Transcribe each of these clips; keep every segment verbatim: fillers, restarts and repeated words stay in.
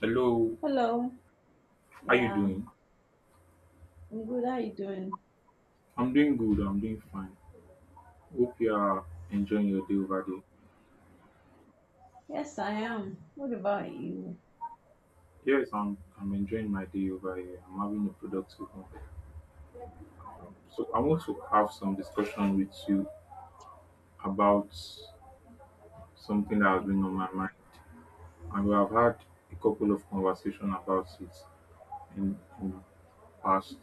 Hello, Hello. how you Yeah, doing? I'm good. How you doing? I'm doing good. I'm doing fine. Hope you are enjoying your day over there. Yes, I am. What about you? Yes, I'm. I'm enjoying my day over here. I'm having a productive one. So I want to have some discussion with you about something that has been on my mind, and we have had a couple of conversation about it in, in the past.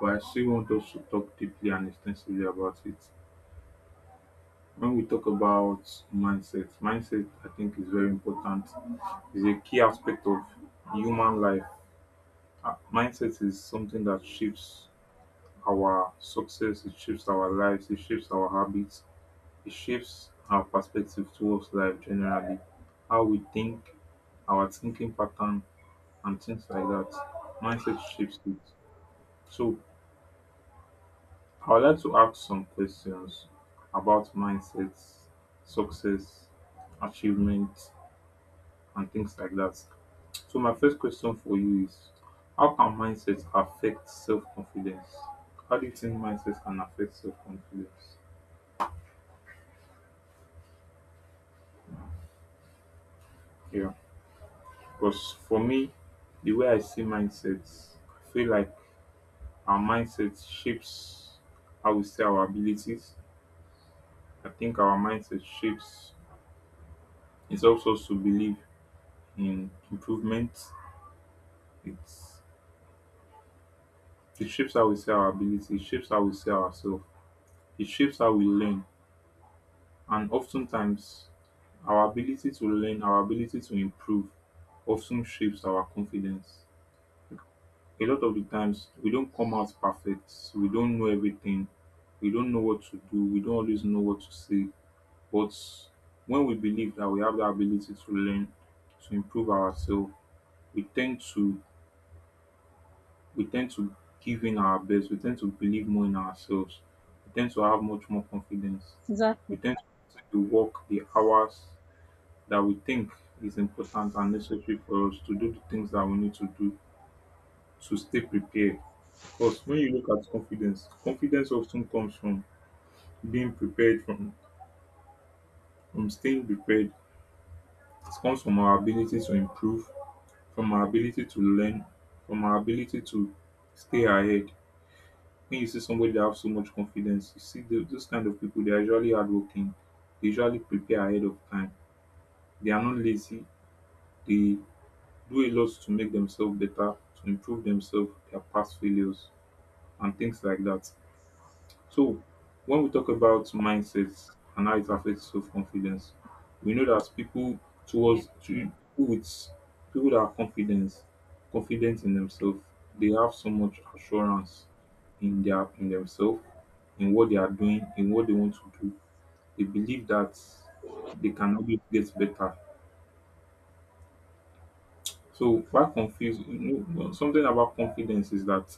But I still want us to talk deeply and extensively about it. When we talk about mindset, mindset I think is very important. Is a key aspect of human life. Uh, Mindset is something that shapes our success, it shapes our lives, it shapes our habits, it shapes our perspective towards life generally. How we think, our thinking pattern, and things like that. Mindset shapes it. So, I would like to ask some questions about mindset, success, achievement and things like that. So my first question for you is how can mindset affect self-confidence? How do you think mindset can affect self-confidence? Yeah. Because for me, the way I see mindsets, I feel like our mindset shapes how we see our abilities. I think our mindset shapes it helps us to believe in improvement. It's it shapes how we see our abilities. It shapes how we see ourselves, it shapes how we learn. And oftentimes, our ability to learn, our ability to improve often shapes our confidence. A lot of the times, we don't come out perfect, we don't know everything, we don't know what to do, we don't always know what to say. But when we believe that we have the ability to learn, to improve ourselves, we tend to we tend to give in our best, we tend to believe more in ourselves, we tend to have much more confidence, we Exactly. tend to do the work the hours that we think is important and necessary for us to do the things that we need to do to stay prepared. Because when you look at confidence, confidence often comes from being prepared, from, from staying prepared. It comes from our ability to improve, from our ability to learn, from our ability to stay ahead. When you see somebody that has so much confidence, you see tho- those kind of people, they are usually hardworking, they usually prepare ahead of time, they are not lazy, they do a lot to make themselves better, to improve themselves, their past failures, and things like that. So, when we talk about mindsets and how it affects self confidence, we know that people Yeah, towards to with people that are confident, confident in themselves, they have so much assurance in their in themselves, in what they are doing, in what they want to do. They believe that they can always get better. So why confused? You know, something about confidence is that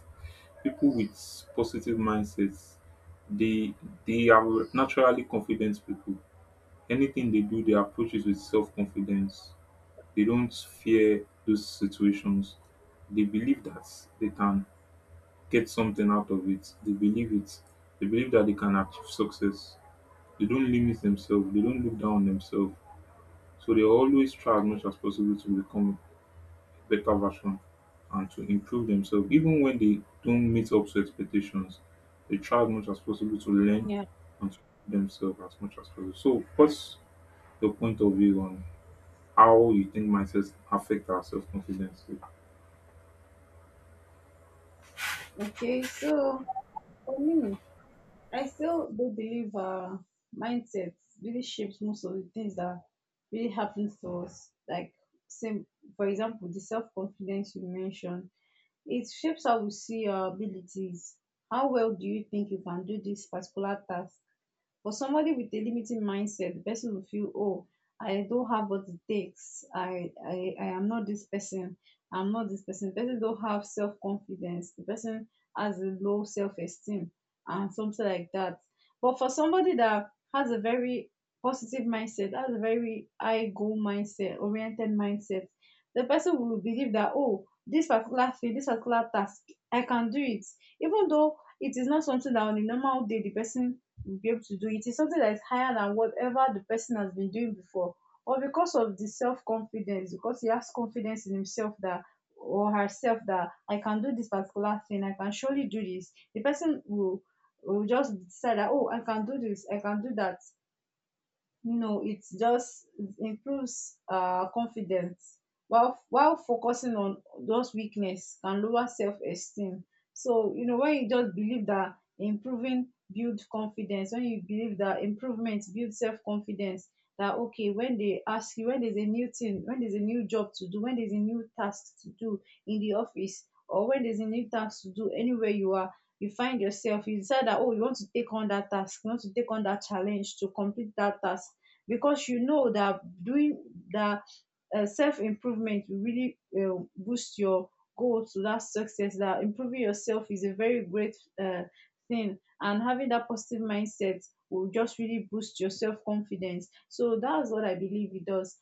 people with positive mindsets they they are naturally confident people, anything they do they approach it with self-confidence, they don't fear those situations, they believe that they can get something out of it, they believe it, they believe that they can achieve success, they don't limit themselves, they don't look down on themselves, so they always try as much as possible to become better version and to improve themselves. Even when they don't meet up to expectations, they try as much as possible to learn yeah. and to improve themselves as much as possible. So, what's your point of view on how you think mindsets affect our self confidence? Okay, so for me, I still do believe uh mindset really shapes most of the things that really happens to us. Like same, for example, the self-confidence you mentioned. It shapes how we see our abilities. How well do you think you can do this particular task? For somebody with a limiting mindset, the person will feel, oh, I don't have what it takes. I, I, I am not this person. I'm not this person. The person don't have self confidence. The person has a low self esteem and something like that. But for somebody that has a very positive mindset, has a very high goal mindset, oriented mindset, the person will believe that, oh, this particular thing, this particular task, I can do it. Even though it is not something that on a normal day the person will be able to do it. It's something that is higher than whatever the person has been doing before, or because of the self confidence, because he has confidence in himself that or herself that I can do this particular thing, I can surely do this, the person will will just decide that oh I can do this, I can do that, you know, it just improves uh, confidence while while focusing on those weakness can lower self-esteem. So, you know, when you just believe that improving build confidence, when you believe that improvement build self-confidence, that okay, when they ask you, when there's a new thing, when there's a new job to do, when there's a new task to do in the office, or when there's a new task to do anywhere you are, you find yourself, you decide that, oh, you want to take on that task, you want to take on that challenge to complete that task because you know that doing that uh, self improvement will really uh, boost your goal to that success. That improving yourself is a very great uh, thing, and having that positive mindset will just really boost your self confidence. So that's what I believe it does.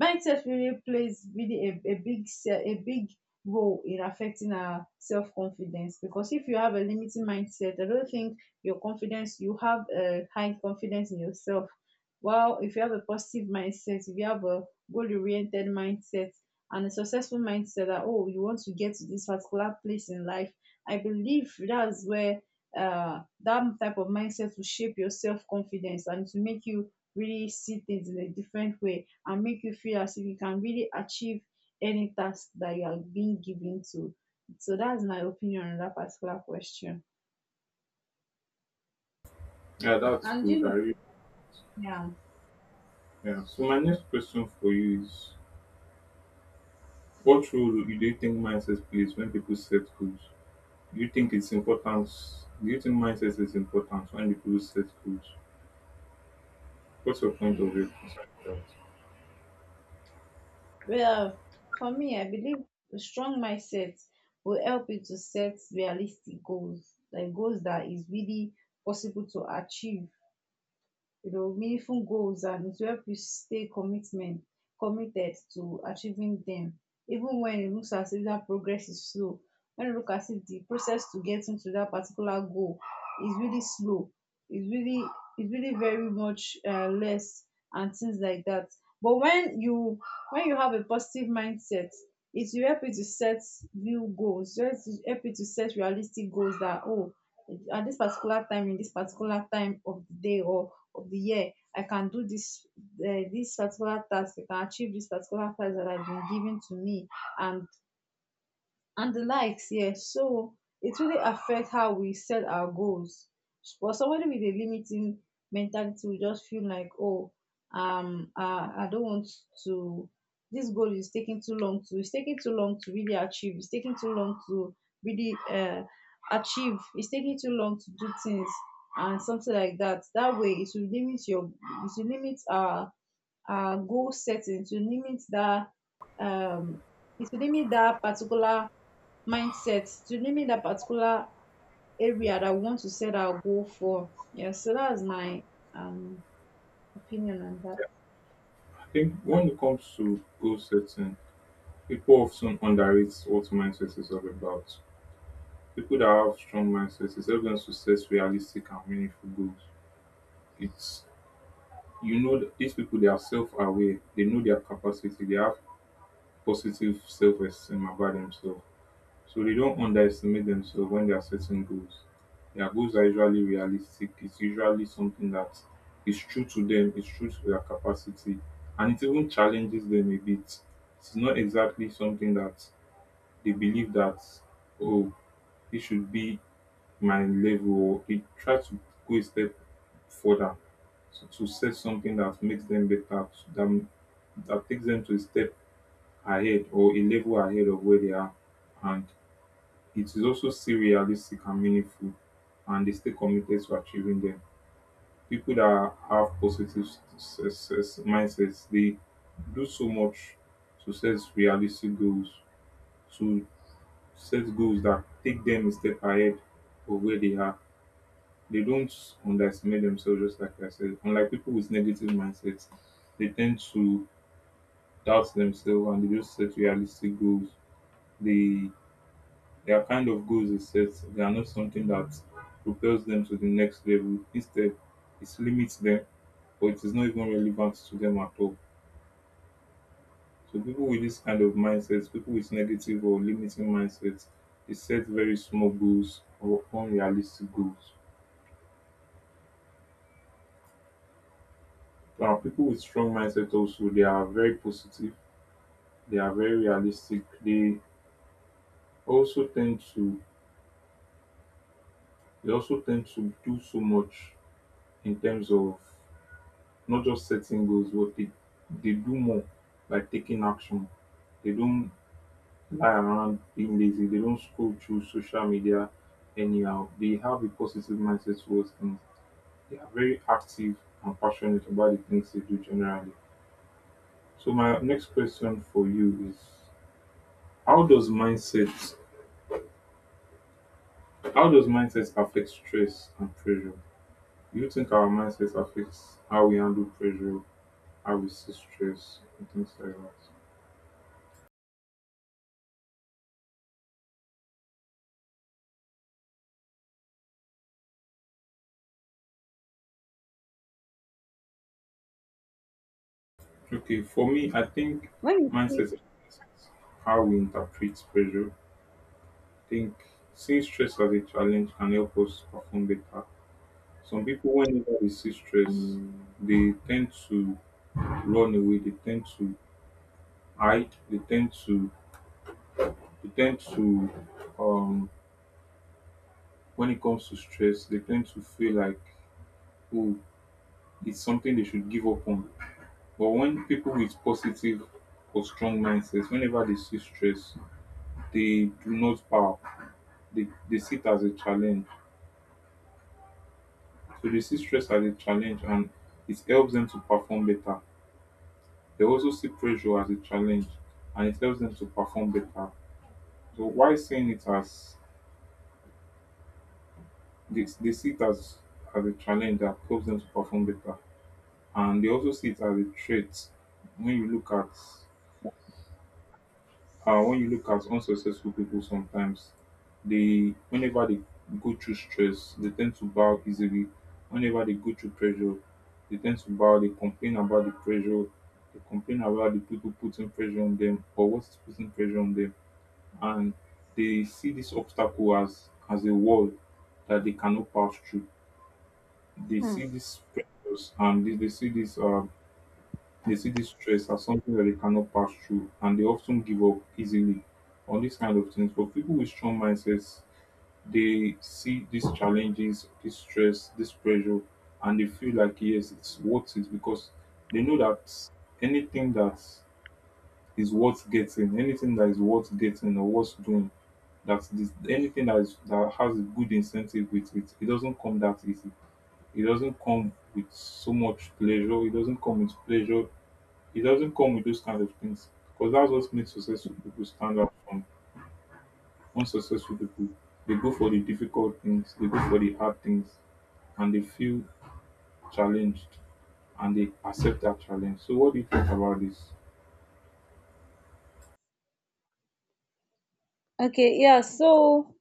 Mindset really plays really a, a big se- a big role in affecting our self confidence because if you have a limiting mindset, I don't think your confidence you have a high confidence in yourself. While if you have a positive mindset, if you have a goal oriented mindset and a successful mindset that oh you want to get to this particular place in life, I believe that's where uh, that type of mindset will shape your self confidence and to make you really see things in a different way and make you feel as if you can really achieve any task that you are being given to. So that's my opinion on that particular question. Yeah, that's And you good. I know, really, yeah, yeah. So, my next question for you is what role do you think mindset plays when people set goals? Do you think it's important? Do you think mindset is important when people set goals? What's your point hmm. of view concerning that? Well, for me, I believe a strong mindset will help you to set realistic goals, like goals that is really possible to achieve, you know, meaningful goals, and it will help you stay commitment committed to achieving them even when it looks as if that progress is slow, when you look as if the process to getting to that particular goal is really slow, is really is really very much uh, less and things like that. But when you when you have a positive mindset, it will help you to set new goals, it will help you to set realistic goals that oh, at this particular time, in this particular time of the day or of the year, I can do this, uh, this particular task, I can achieve this particular prize that has been given to me, and and the likes. Yes, so it really affects how we set our goals. For somebody with a limiting mentality will just feel like oh, um uh, I don't want to, this goal is taking too long to, it's taking too long to really achieve, it's taking too long to really uh, achieve, it's taking too long to do things and something like that. That way it will limit your, it will limit our our goal setting. It will limit that um it will limit that particular mindset, to limit that particular area that we want to set our goal for. Yeah, so that's my um opinion on that. I think when it comes to goal setting, people often underrate what mindset is all about. People that have strong mindsets is help them to set realistic and meaningful goals. It's you know that these people they are self aware, they know their capacity, they have positive self esteem about themselves. So they don't underestimate themselves when they are setting goals. Their goals are usually realistic. It's usually something that is true to them, it's true to their capacity, and it even challenges them a bit. It's not exactly something that they believe that, oh, it should be my level, or they try to go a step further to, to set something that makes them better, that, that takes them to a step ahead or a level ahead of where they are. And it is also still realistic and meaningful and they stay committed to achieving them. People that have positive success mindsets, they do so much to set realistic goals, to set goals that take them a step ahead of where they are. They don't underestimate themselves, just like I said. Unlike people with negative mindsets, they tend to doubt themselves and they just set realistic goals. They their kind of goals is set, they are not something that propels them to the next level. Instead, it limits them or it is not even relevant to them at all. So people with this kind of mindsets, people with negative or limiting mindsets, they set very small goals or unrealistic goals. Now people with strong mindset also they are very positive, they are very realistic, they also tend to they also tend to do so much in terms of not just setting goals, but they, they do more by taking action. They don't lie around being lazy. They don't scroll through social media anyhow. They have a positive mindset towards things. They are very active and passionate about the things they do generally. So my next question for you is how does mindset how does mindset affect stress and pressure? Do you think our mindset affects how we handle pressure, how we see stress and things like that? Okay, for me, I think When you see, mindset is how we interpret pressure. I think seeing stress as a challenge can help us perform better. Some people, whenever they see stress, they tend to run away. They tend to hide. They tend to they tend to um when it comes to stress, they tend to feel like oh, it's something they should give up on. But when people with positive or strong mindsets, whenever they see stress, they do not bow, they, they see it as a challenge. So they see stress as a challenge and it helps them to perform better. They also see pressure as a challenge and it helps them to perform better. So why seeing it as they, they see it as, as a challenge that helps them to perform better. And they also see it as a trait when you look at uh, when you look at unsuccessful people sometimes they whenever they go through stress they tend to bow easily, whenever they go through pressure they tend to bow, they complain about the pressure, they complain about the people putting pressure on them or what's putting pressure on them, and they see this obstacle as as a wall that they cannot pass through, they hmm, see these pressures and they, they see this uh they see this stress as something that they cannot pass through and they often give up easily on these kind of things. But people with strong mindsets, they see these challenges, this stress, this pressure, and they feel like, yes, it's worth it because they know that anything that is worth getting, anything that is worth getting or worth doing, that this anything that is that has a good incentive with it, it doesn't come that easy. It doesn't come with so much pleasure. It doesn't come with pleasure. It doesn't come with those kind of things because that's what makes successful people stand out from unsuccessful people. They go for the difficult things, they go for the hard things, and they feel challenged and they accept that challenge. So, what do you think about this? okay, yeah. So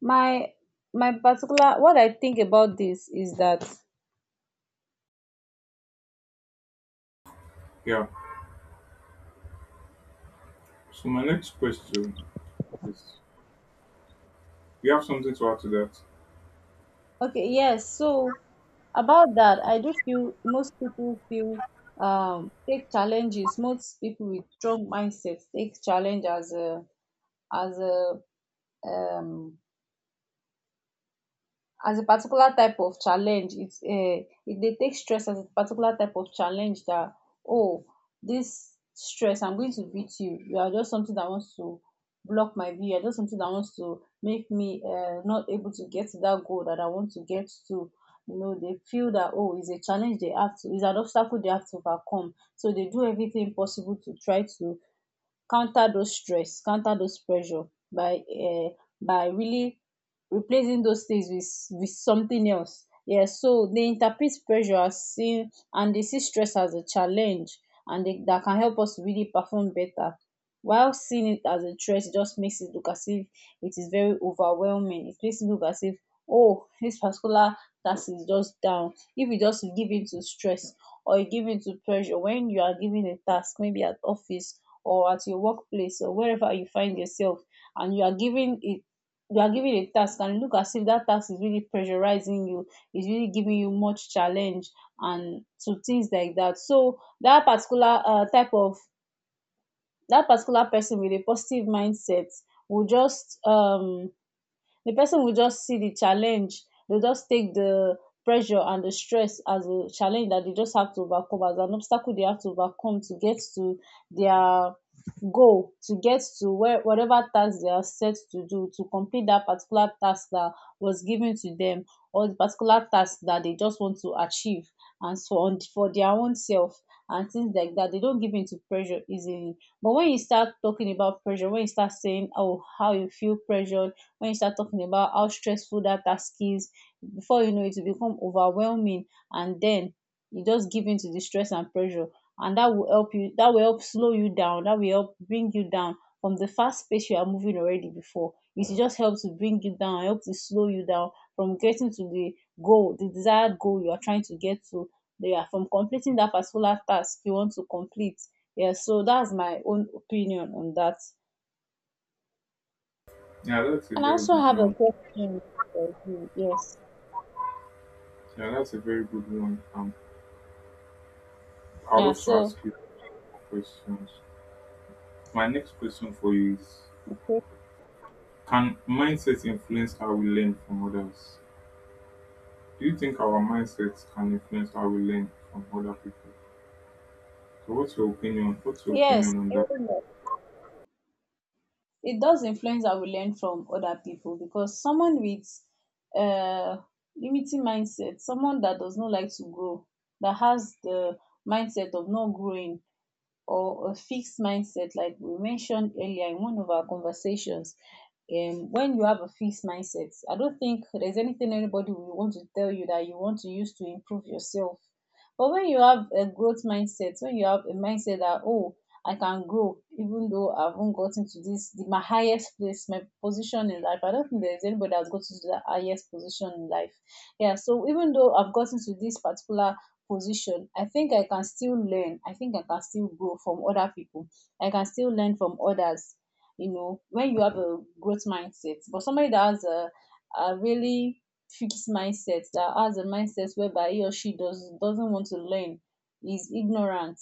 my my particular what I think about this is that Yeah. So, my next question is you have something to add to that? okay, yes. So about that, I do feel most people feel um take challenges. Most people with strong mindsets take challenge as a as a um as a particular type of challenge, it's uh, e dey take stress as a particular type of challenge that oh, this stress I'm going to beat you, you are just something that wants to block my view, you are just something that wants to make me uh not able to get to that goal that I want to get to. You know they feel that oh it's a challenge, they have to, it's an obstacle they have to overcome, so they do everything possible to try to counter those stress, counter those pressure by um by really replacing those things with with something else. Yeah, so they interpret pressure as seeing and they see stress as a challenge and they, that can help us really perform better. While seeing it as a threat, it just makes it look as if it is very overwhelming. It makes it look as if oh this particular task is just down. If you just give in to stress or you give in to pressure when you are given a task, maybe at office or at your workplace or wherever you find yourself, and you are giving it, you are given a task and look as if that task is really pressurizing you, is really giving you much challenge and to things like that, so that particular uh, type of, that particular person with a positive mindset will just um the person will just see the challenge, they'll just take the pressure and the stress as a challenge that they just have to overcome, as an obstacle they have to overcome to get to their goal, to get to where, whatever task they are set to do, to complete that particular task that was given to them or the particular task that they just want to achieve and so on for their own self and things like that. They don't give in to pressure easily, but when you start talking about pressure, when you start saying oh how you feel pressure, when you start talking about how stressful that task is, before you know it will become overwhelming, and then you just give in to the stress and pressure, and that will help you, that will help slow you down, that will help bring you down from the fast pace you are moving already before, it will just help to bring you down, help to slow you down from getting to the goal, the desired goal you are trying to get to, yeah, from completing that particular task you want to complete. Yeah, so that's my own opinion on that, Yeah, that's a and I very also good have a one. question for you. Yes. Yeah, that's a very good one. Um, I'd Yeah. also ask So, you more questions. My next question for you is okay. can mindset influence how we learn from others? Do you think our mindsets can influence how we learn from other people? So what's your opinion? What's your Yes, opinion on that? it does influence that we learn from other people, because someone with uh, limiting mindset, someone that does not like to grow, that has the mindset of not growing, or a fixed mindset, like we mentioned earlier in one of our conversations. Um, when you have a fixed mindset, I don't think there's anything anybody will want to tell you that you want to use to improve yourself. But when you have a growth mindset, when you have a mindset that, oh, I can grow even though I haven't gotten to this, the, my highest place, my position in life. I don't think there's anybody that's gotten to the highest position in life. Yeah, so even though I've gotten to this particular position, I think I can still learn, I think I can still grow from other people, I can still learn from others. You know, when you have a growth mindset, but somebody that has a, a really fixed mindset, that has a mindset whereby he or she does doesn't want to learn, is ignorant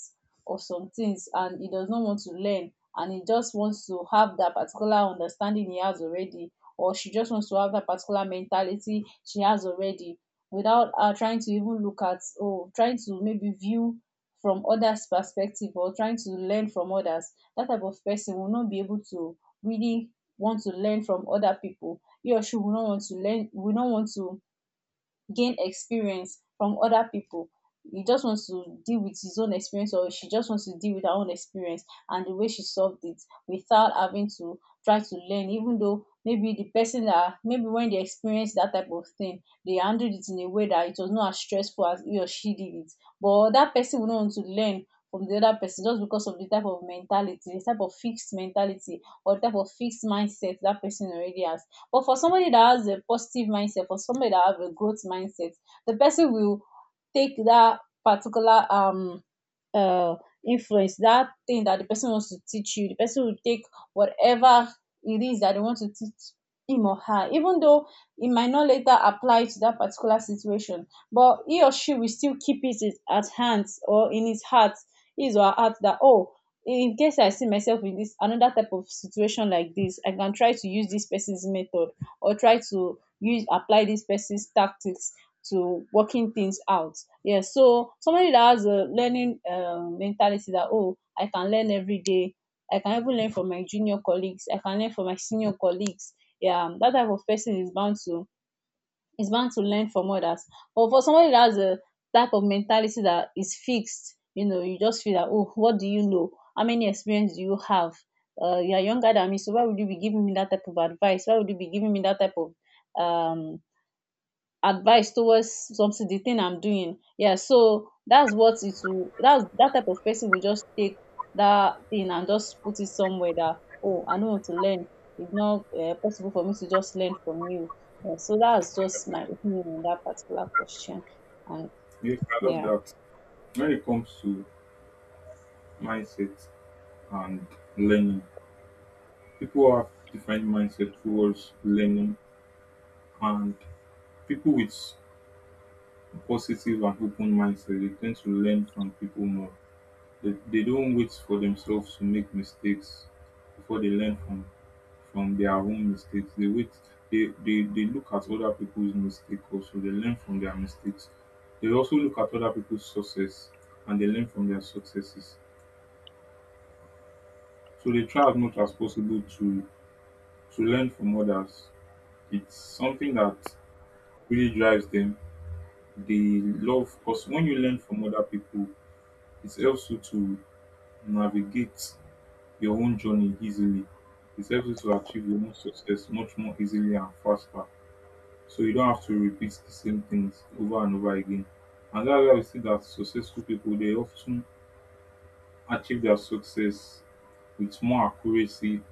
of some things, and he does not want to learn, and he just wants to have that particular understanding he has already, or she just wants to have that particular mentality she has already, without uh, trying to even look at, oh, trying to maybe view from others perspective or trying to learn from others, that type of person will not be able to really want to learn from other people, he or she will not want to learn, will not want to gain experience from other people. He just wants to deal with his own experience, or she just wants to deal with her own experience and the way she solved it without having to try to learn, even though maybe the person that maybe when they experience that type of thing, they handled it in a way that it was not as stressful as he or she did it. But that person would not want to learn from the other person just because of the type of mentality, the type of fixed mentality or type of fixed mindset that person already has. But for somebody that has a positive mindset, for somebody that have a growth mindset, the person will take that particular um uh, influence, that thing that the person wants to teach you. The person will take whatever it is that they want to teach him or her, even though it might not later apply to that particular situation, but he or she will still keep it at hand or in his heart, his or her heart that, oh, in case I see myself in this another type of situation like this, I can try to use this person's method or try to use apply this person's tactics to working things out. Yeah. So somebody that has a learning um, mentality that, oh, I can learn every day. I can even learn from my junior colleagues. I can learn from my senior colleagues. Yeah, um, that type of person is bound to is bound to learn from others. But for somebody that has a type of mentality that is fixed, you know, you just feel that, oh, what do you know? How many experience do you have? Uh, you are younger than me, so why would you be giving me that type of advice? Why would you be giving me that type of um advice towards something the thing I'm doing. Yeah, so that's what it will, that's that type of person will just take that thing and just put it somewhere that, oh, I know how to learn, it's not uh, possible for me to just learn from you. Yeah, so that's just my opinion on that particular question and Yes, I love yeah. that. When it comes to mindset and learning, people have different mindset towards learning and people with positive and open mindset, they tend to learn from people more. They, they don't wait for themselves to make mistakes before they learn from from their own mistakes they wait they, they they look at other people's mistakes, also they learn from their mistakes. They also look at other people's success and they learn from their successes, so they try as much as possible to to learn from others. It's something that really drives them. They love, because when you learn from other people, it helps you to navigate your own journey easily. It helps you to achieve your own success much more easily and faster. So you don't have to repeat the same things over and over again. And that's why we see that successful people they often achieve their success with more accuracy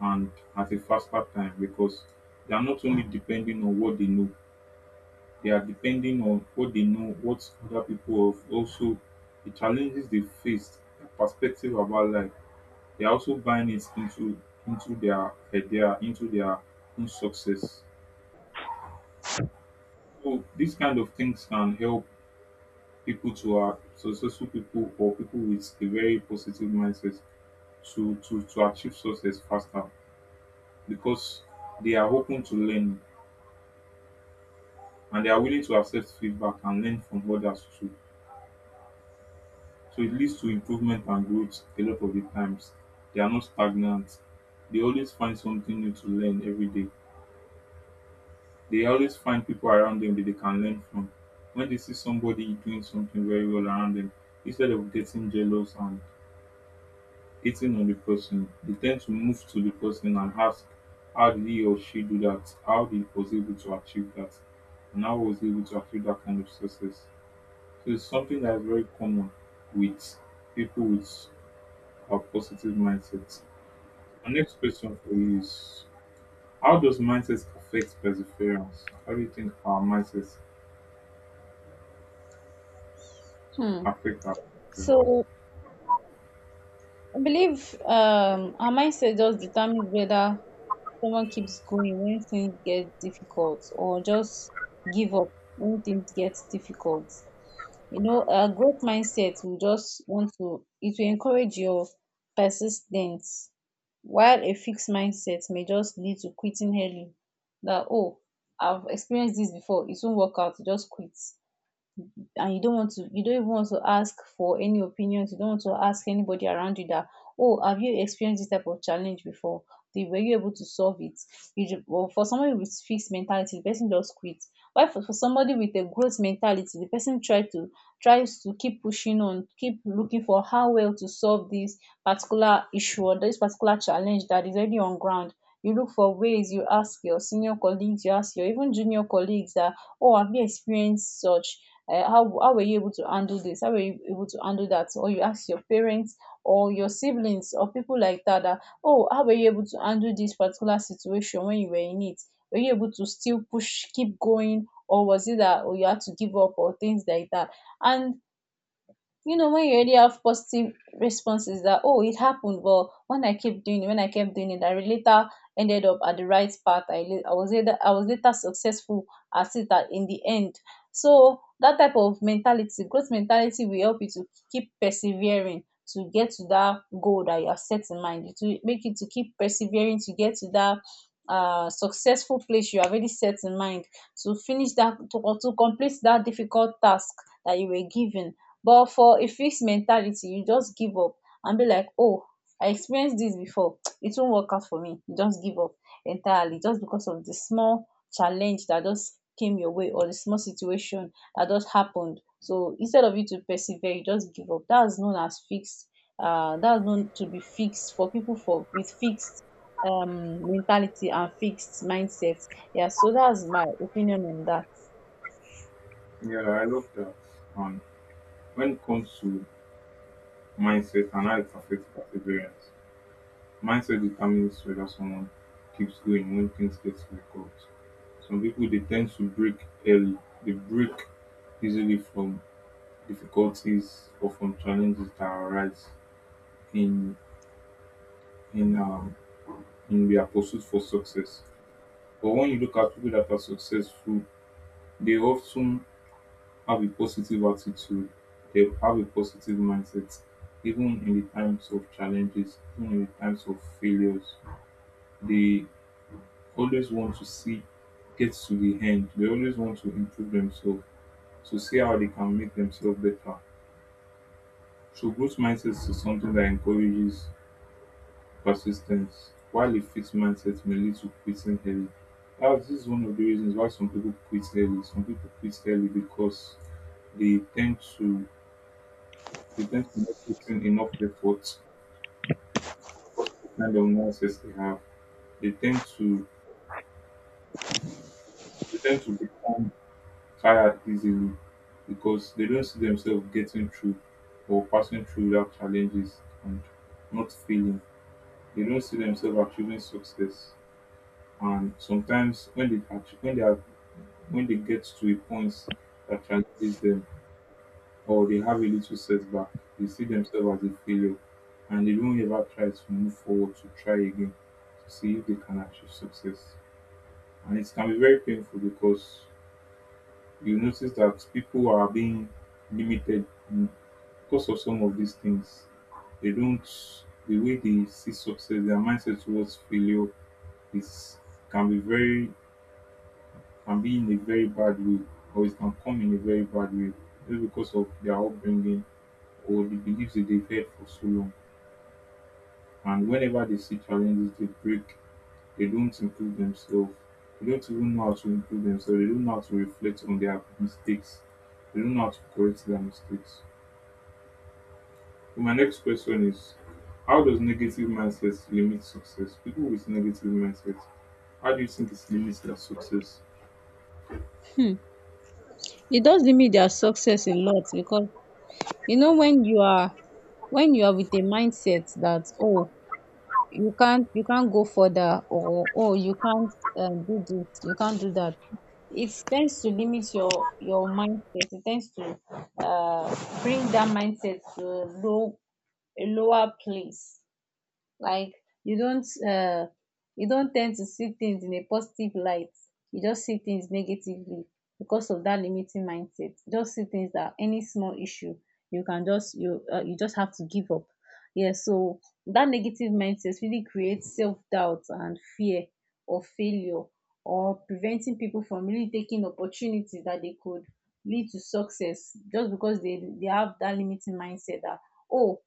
and at a faster time, because they are not only depending on what they know, they are depending on what they know, what other people have also, the challenges they faced, their perspective about life. They are also buying it into into their idea, into their own success. So these kind of things can help people to are successful people or people with a very positive mindset to to to achieve success faster, because they are open to learn and they are willing to accept feedback and learn from others too. So it leads to improvement and growth a lot of the times. They are not stagnant. They always find something new to learn every day. They always find people around them that they can learn from. When they see somebody doing something very well around them, instead of getting jealous and hitting on the person, they tend to move to the person and ask, how did he or she do that? How did was able to achieve that? And how was he able to achieve that kind of success? So it's something that is very common with people with a positive mindset. My next question for you is, how does mindset affect perseverance? How do you think our mindset Hmm. affect our perseverance? So I believe um our mindset just determines whether someone keeps going when things get difficult or just give up when things get difficult. You know, a growth mindset will just want to, it will encourage your persistence, while a fixed mindset may just lead to quitting early. That, oh, I've experienced this before, it won't work out, just quit, and you don't want to, you don't even want to ask for any opinions, you don't want to ask anybody around you that, oh, have you experienced this type of challenge before, the, were you able to solve it? You, ju- well, for somebody with fixed mentality the person just quit. Why for, for somebody with a growth mentality the person try to tries to keep pushing on, keep looking for how well to solve this particular issue or this particular challenge that is already on ground. You look for ways, you ask your senior colleagues, you ask your even junior colleagues that, oh, have you experienced such, uh, how how were you able to handle this? How were you able to handle that? Or you ask your parents or your siblings or people like that that, oh, how were you able to handle this particular situation when you were in it? Were you able to still push, keep going, or was it that, oh, you had to give up or things like that? And you know when you already have positive responses that, oh, it happened but when I kept doing it, when I kept doing it, I really later ended up at the right path. i, la- I was later, i was later successful at it, at, in the end. So that type of mentality, growth mentality will help you to keep persevering to get to that goal that you have set in mind. It will make you to keep persevering to get to that uh, successful place you have already set in mind, to finish that, to, to complete that difficult task that you were given. But for a fixed mentality you just give up and be like, oh, I experienced this before, it won't work out for me, you just give up entirely just because of the small challenge that just came your way or the small situation that just happened. So instead of you to persevere you just give up. That's known as fixed, uh that's known to be fixed for people, for with fixed um mentality and fixed mindset. Yeah, so that's my opinion on that. Yeah, I love that. And when it comes to mindset and how it affects perseverance, mindset determines whether someone keeps going when things get difficult. Some people they tend to break early. They break easily from difficulties or from challenges that arise in in um in their pursuit for success. But when you look at people that are successful, they often have a positive attitude. They have a positive mindset, even in the times of challenges, even in the times of failures. They always want to see get to the end. They always want to improve themselves to see how they can make themselves better. So growth mindset is something that encourages persistence, while a fixed mindset may lead to quitting early. Now, this is one of the reasons why some people quit early. Some people quit early because they tend to they tend to not put in enough effort because of the kind of mindset they have. They tend to they tend to become tired easily, because they don't see themselves getting through or passing through without challenges and not failing. They don't see themselves achieving success. And sometimes when they achieve, when they are, when they get to a point that challenges them or they have a little setback, they see themselves as a failure, and they don't ever try to move forward to try again to see if they can achieve success. And it can be very painful, because you notice that people are being limited because of some of these things. They don't the way they see success, their mindset towards failure is can be very can be in a very bad way, or it can come in a very bad way, just because of their upbringing or the beliefs that they've had for so long. And whenever they see challenges, they break. They don't improve themselves. They don't even know how to improve themselves. They don't know how to reflect on their mistakes. They don't know how to correct their mistakes. My next question is, how does negative mindset limit success? People with negative mindset, how do you think it limits their success? Hmm. It does limit their success a lot because, you know, when you are, when you are with a mindset that, oh, you can't, you can't go further, or, oh, you can't um, do this, you can't do that, it tends to limit your your mindset, it tends to uh, bring that mindset to a low, a lower place, like you don't uh, you don't tend to see things in a positive light, you just see things negatively because of that limiting mindset, just see things that any small issue you can just you uh, you just have to give up. Yeah, so that negative mindset really creates self-doubt and fear of failure, or preventing people from really taking opportunities that they could lead to success just because they they have that limiting mindset that, oh,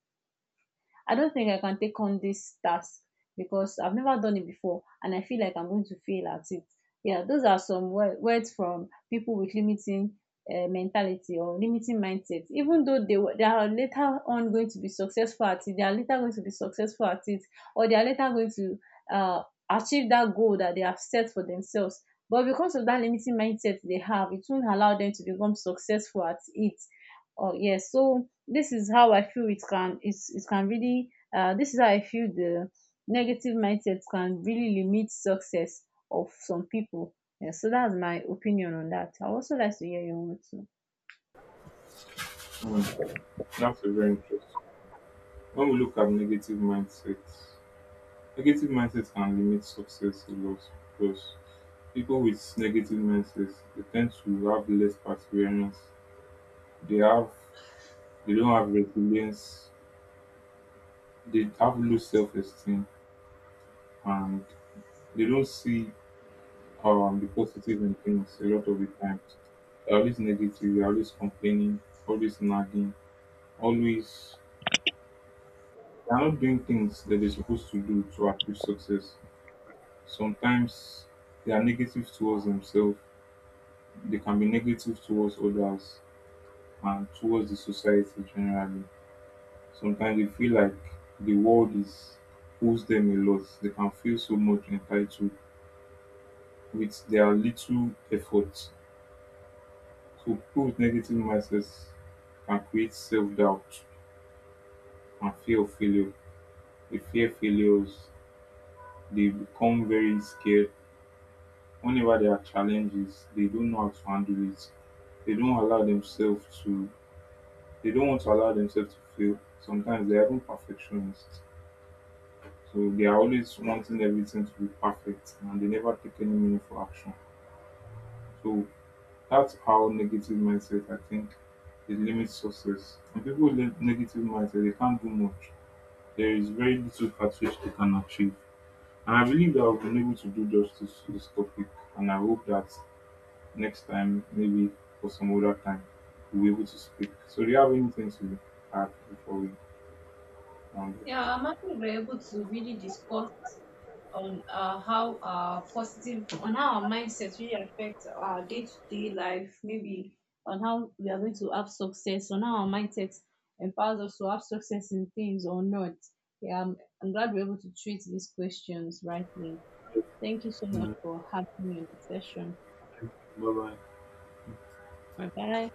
I don't think I can take on this task because I've never done it before and I feel like I'm going to fail at it. Yeah, those are some wo- words from people with limiting uh, mentality or limiting mindset. Even though they were, they are later on going to be successful at it, they are later going to be successful at it, or they are later going to uh, achieve that goal that they have set for themselves. But because of that limiting mindset they have, it won't allow them to become successful at it. Oh yes, so this is how I feel it can, it's, it can really uh, this is how I feel the negative mindset can really limit success of some people. Yeah, so that's my opinion on that. I also like to hear your own too. Hmm, that's a very interesting. When we look at negative mindset, negative mindset can limit success a lot, because people with negative mindsets they tend to have less perseverance. They have they don't have resilience. They have low self esteem, and they don't see um, the positive in things a lot of the times. They're always negative, they're always complaining, always nagging, always they're not doing things that they're supposed to do to achieve success. Sometimes they are negative towards themselves, they can be negative towards others and towards the society generally. Sometimes they feel like the world is owes them a lot. They can feel so much entitled with their little efforts. Coupled negative mindsets can create self-doubt and fear of failure. They fear failures. They become very scared. Whenever there are challenges, they don't know how to handle it. They don't allow themselves to. They don't want to allow themselves to fail. Sometimes they are even perfectionists. So they are always wanting everything to be perfect, and they never take any meaningful action. So that's how negative mindset, I think, it limits success. And people with negative mindset, they can't do much, there is very little Catfish they can achieve. And I believe that I've been able to do justice to this topic, and I hope that next time, maybe for some other time, we'll be able to speak. So, do you have anything to add before we round up? Yeah, I'm happy we were able to really discuss on uh, how uh, positive, on how our mindset really affects our day to day life, maybe on how we are going to have success, on how our mindset empowers us to have success in things or not. Yeah, I'm, I'm glad we are able to treat these questions rightly. Thank you so much Yeah. for having me on the session. Bye bye. Bye bye.